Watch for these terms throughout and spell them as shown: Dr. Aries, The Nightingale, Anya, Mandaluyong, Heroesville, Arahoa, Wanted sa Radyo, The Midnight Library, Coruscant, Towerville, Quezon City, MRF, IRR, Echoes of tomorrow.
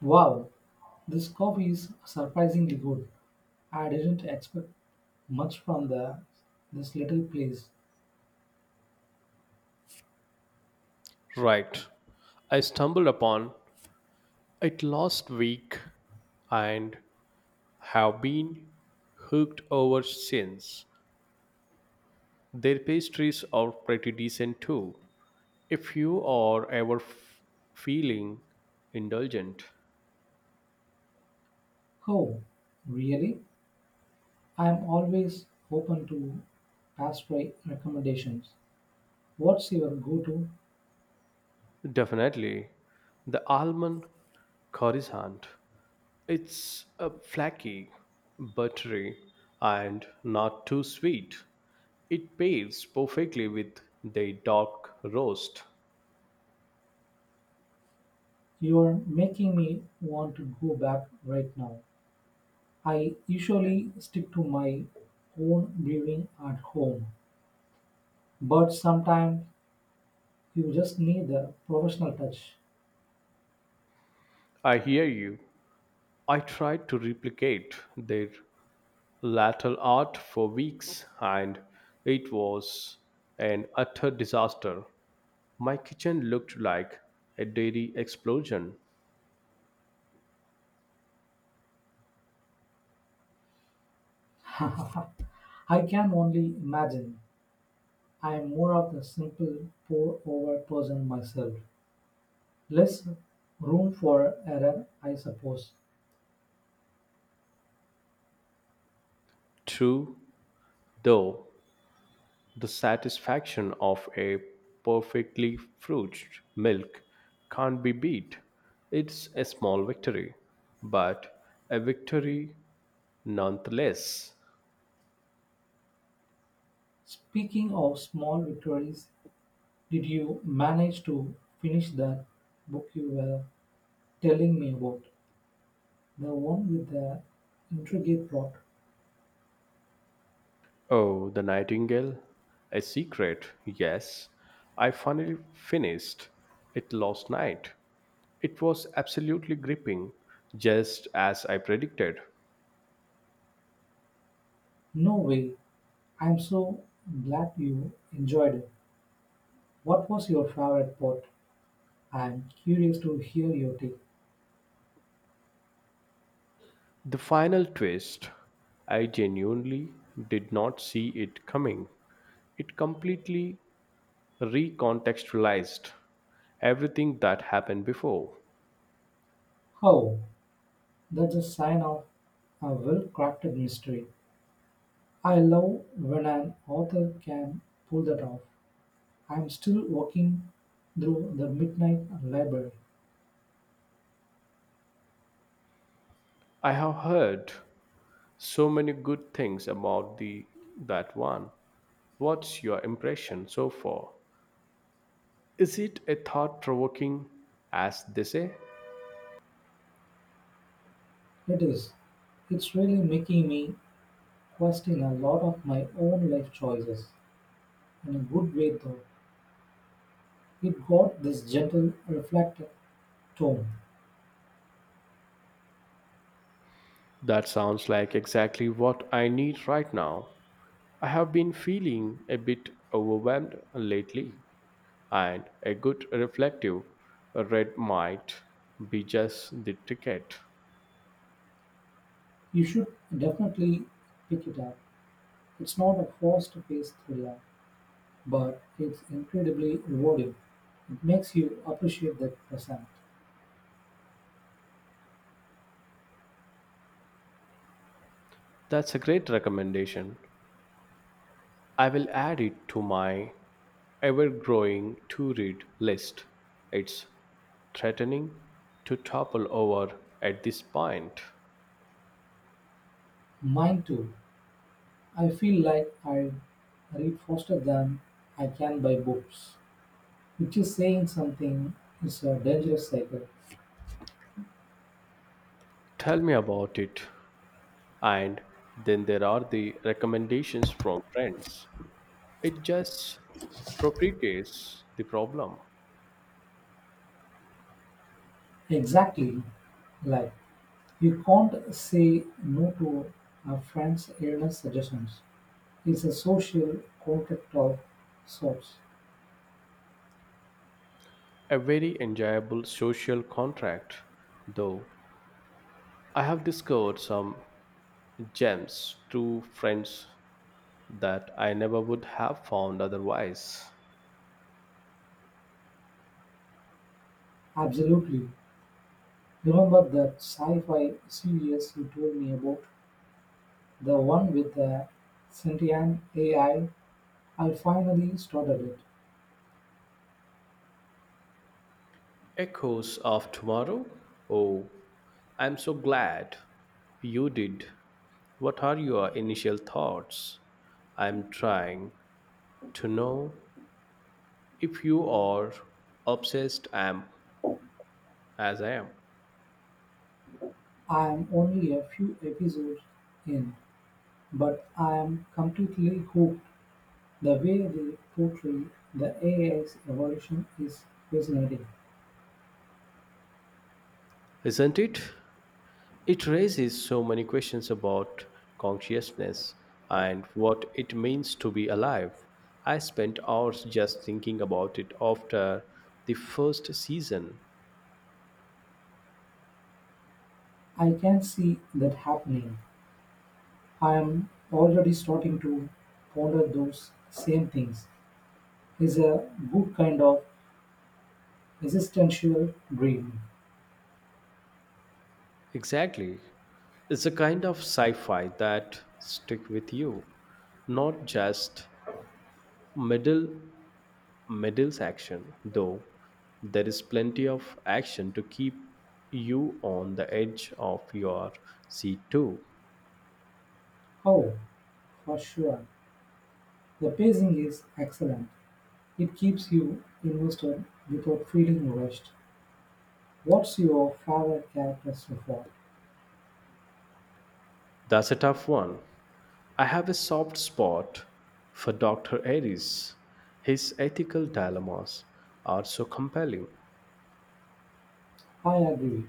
Wow, this coffee is surprisingly good. I didn't expect much from the this little place. Right. I stumbled upon it last week and have been hooked over since. Their pastries are pretty decent too. If you are ever feeling indulgent, Oh, really? I am always open to pastry recommendations. What's your go-to? definitely the almond Coruscant. It's a flaky, buttery, and not too sweet. It pairs perfectly with the dark roast. You're making me want to go back right now. I usually stick to my own brewing at home, but sometimes you just need the professional touch. I hear you. I tried to replicate their lateral art for weeks and it was an utter disaster. My kitchen looked like a dairy explosion. I can only imagine. I'm more of a simple pour-over person myself, less room for error, I suppose. True, though, the satisfaction of a perfectly fruited milk can't be beat. It's a small victory, but a victory nonetheless. Speaking of small victories, did you manage to finish that book you were telling me about? The one with the intricate plot? Oh, The Nightingale? A secret, yes. I finally finished it last night. It was absolutely gripping, just as I predicted. No way. I'm so glad you enjoyed it. What was your favorite part? I'm curious to hear your take. The final twist, I genuinely did not see it coming. It completely recontextualized everything that happened before. Oh, that's a sign of a well crafted mystery. I love when an author can pull that off. I'm still walking through The Midnight Library. I have heard so many good things about the that one. What's your impression so far? Is it a thought provoking, as they say? It is. It's really making me question a lot of my own life choices. In a good way, though, it got this gentle, reflective tone. That sounds like exactly what I need right now. I have been feeling a bit overwhelmed lately, and a good reflective read might be just the ticket. You should definitely pick it up. It's not a fast paced thriller, but it's incredibly rewarding. It makes you appreciate the present. That's a great recommendation. I will add it to my ever growing to read list. It's threatening to topple over at this point. Mine too. I feel like I read faster than I can buy books, which is saying something. It's a dangerous cycle. Tell me about it. And then there are the recommendations from friends. It just perpetuates the problem. Exactly. Like, you can't say no to a friend's illness suggestions. It's a social contract of sorts. A very enjoyable social contract, though. I have discovered some gems through friends that I never would have found otherwise. Absolutely. Remember that sci fi series you told me about? The one with the sentient AI? I finally started it. Echoes of tomorrow? Oh, I'm so glad you did. What are your initial thoughts? I'm trying to know if you are obsessed am as I am, I'm only a few episodes in, but I'm completely hooked. The way they portray the AI's evolution is fascinating. isn't it? It raises so many questions about consciousness and what it means to be alive. I spent hours just thinking about it after the first season. I can see that happening. I'm already starting to ponder those same things. It's a good kind of existential dream. Exactly. It's a kind of sci-fi that stick with you, not just middle middles action, though there is plenty of action to keep you on the edge of your seat too. Oh, for sure. The pacing is excellent. It keeps you invested without feeling rushed. What's your favorite character so far? That's a tough one. I have a soft spot for Dr. Aries. His ethical dilemmas are so compelling. I agree.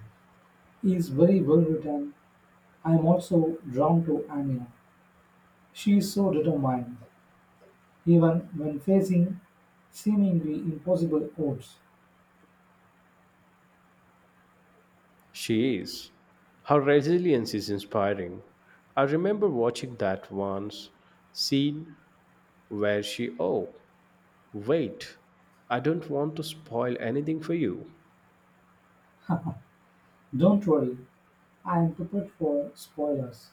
He is very well written. I am also drawn to Anya. She is so determined, even when facing seemingly impossible odds. She is. Her resilience is inspiring. I remember watching that once scene where she, oh, wait, I don't want to spoil anything for you. Don't worry, I am prepared for spoilers.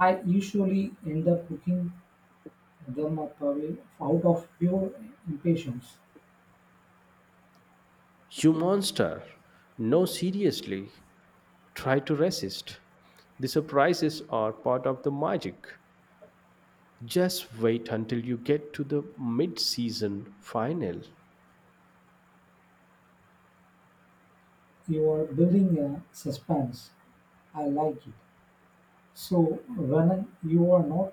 I usually end up cooking them up away out of pure impatience. You monster! No, seriously, try to resist. The surprises are part of the magic. Just wait until you get to the mid season final. You are building a suspense. I like it. So when you are not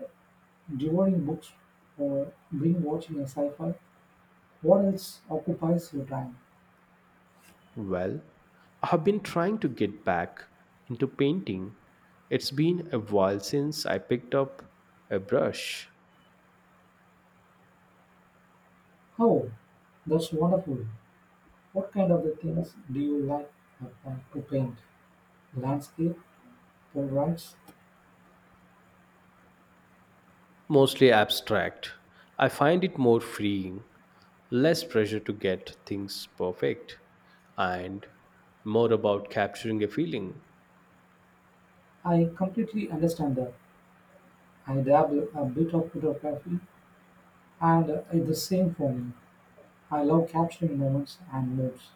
devouring books or being watching a sci-fi, what else occupies your time? Well, I have been trying to get back into painting. It's been a while since I picked up a brush. Oh, that's wonderful. What kind of the things do you like to paint? Landscape, portraits? Mostly abstract. I find it more freeing, less pressure to get things perfect, and more about capturing a feeling. I completely understand that. I dabble a bit of photography, and it's the same for me. I love capturing moments and moods.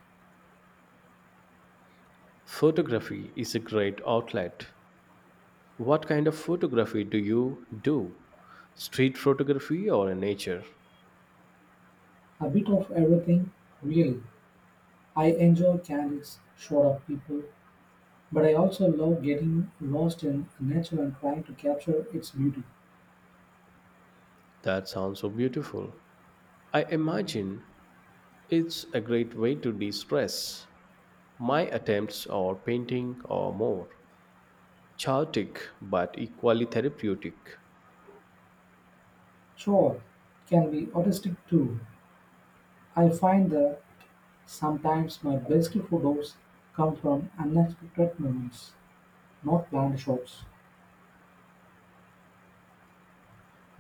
Photography is a great outlet. What kind of photography do you do? Street photography or in nature? A bit of everything, really. I enjoy candles, shot of people, but I also love getting lost in nature and trying to capture its beauty. That sounds so beautiful. I imagine it's a great way to de stress. My attempts are painting or more chaotic but equally therapeutic. Sure, can be artistic too. I find that sometimes my best photos come from unexpected moments, not planned shots.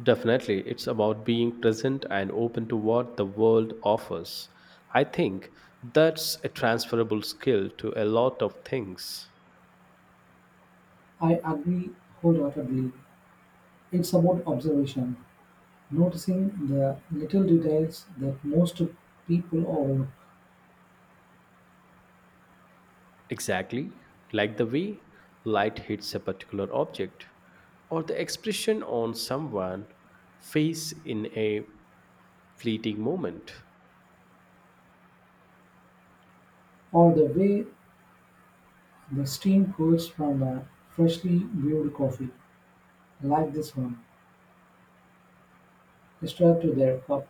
Definitely, it's about being present and open to what the world offers. I think that's a transferable skill to a lot of things. I agree wholeheartedly. It's about observation, noticing the little details that most people overlook, Exactly, like the way light hits a particular object, or the expression on someone's face in a fleeting moment. or the way the steam curls from a freshly brewed coffee, like this one, straight to their cup.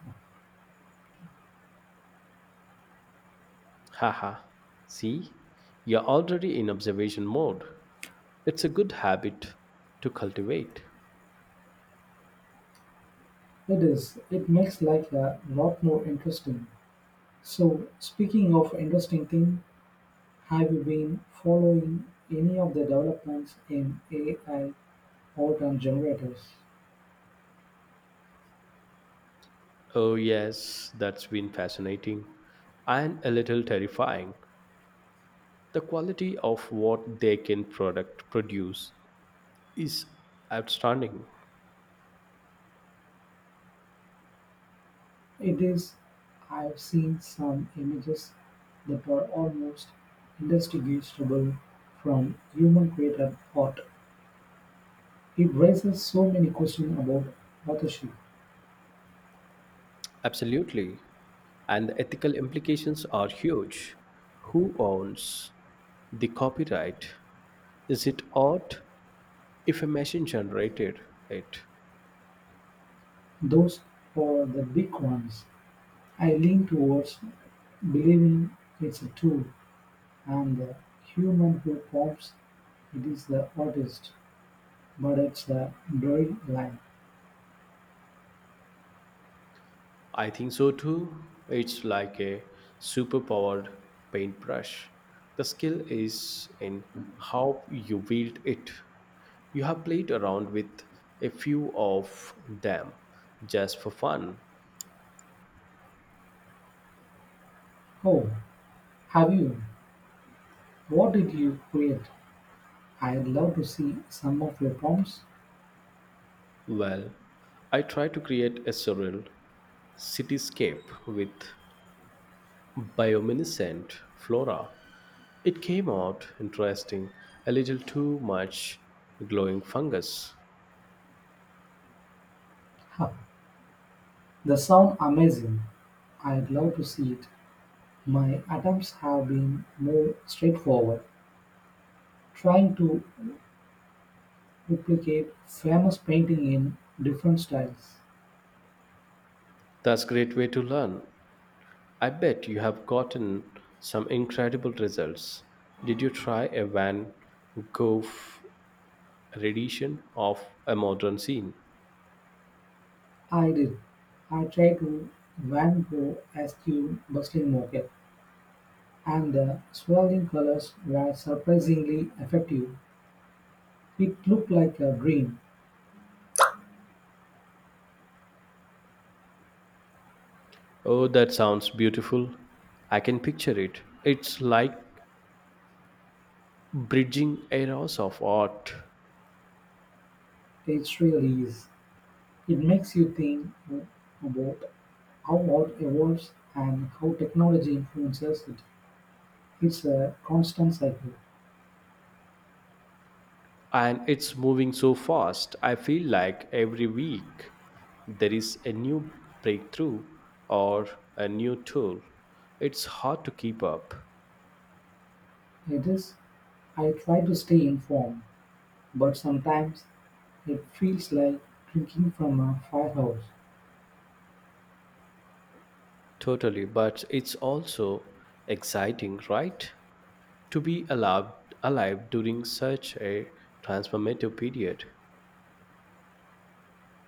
Haha, see, you're already in observation mode. It's a good habit to cultivate. It is. It makes life a lot more interesting. So, speaking of interesting things, have you been following any of the developments in AI art and generators? Oh, yes, that's been fascinating and a little terrifying. The quality of what they can product produce is outstanding. It is, I've seen some images that are almost indistinguishable from human created art. It raises so many questions about authorship. Absolutely. And the ethical implications are huge. Who owns the copyright? Is it art if a machine generated it? Those are the big ones. I lean towards believing it's a tool and the human who prompts it is the artist. But it's the drawing line. I think so too. It's like a superpowered paintbrush. The skill is in how you wield it. You have played around with a few of them just for fun. Oh, have you? What did you create? I'd love to see some of your prompts. Well, I try to create a surreal cityscape with bioluminescent flora. It came out interesting, a little too much glowing fungus. Huh, they sound amazing. I'd love to see it. My attempts have been more straightforward, trying to replicate famous painting in different styles. That's a great way to learn. I bet you have gotten some incredible results. Did you try a Van Gogh rendition of a modern scene? I did. I tried to Van Gogh askew bustling mocha, and the swirling colors were surprisingly effective. It looked like a dream. Oh, that sounds beautiful. I can picture it. It's like bridging eras of art. It really is. It makes you think about how art evolves and how technology influences it. It's a constant cycle. And it's moving so fast. I feel like every week there is a new breakthrough or a new tool. It's hard to keep up. It is. I try to stay informed, but sometimes it feels like drinking from a firehouse. Totally, but it's also exciting, right? To be allowed, alive during such a transformative period.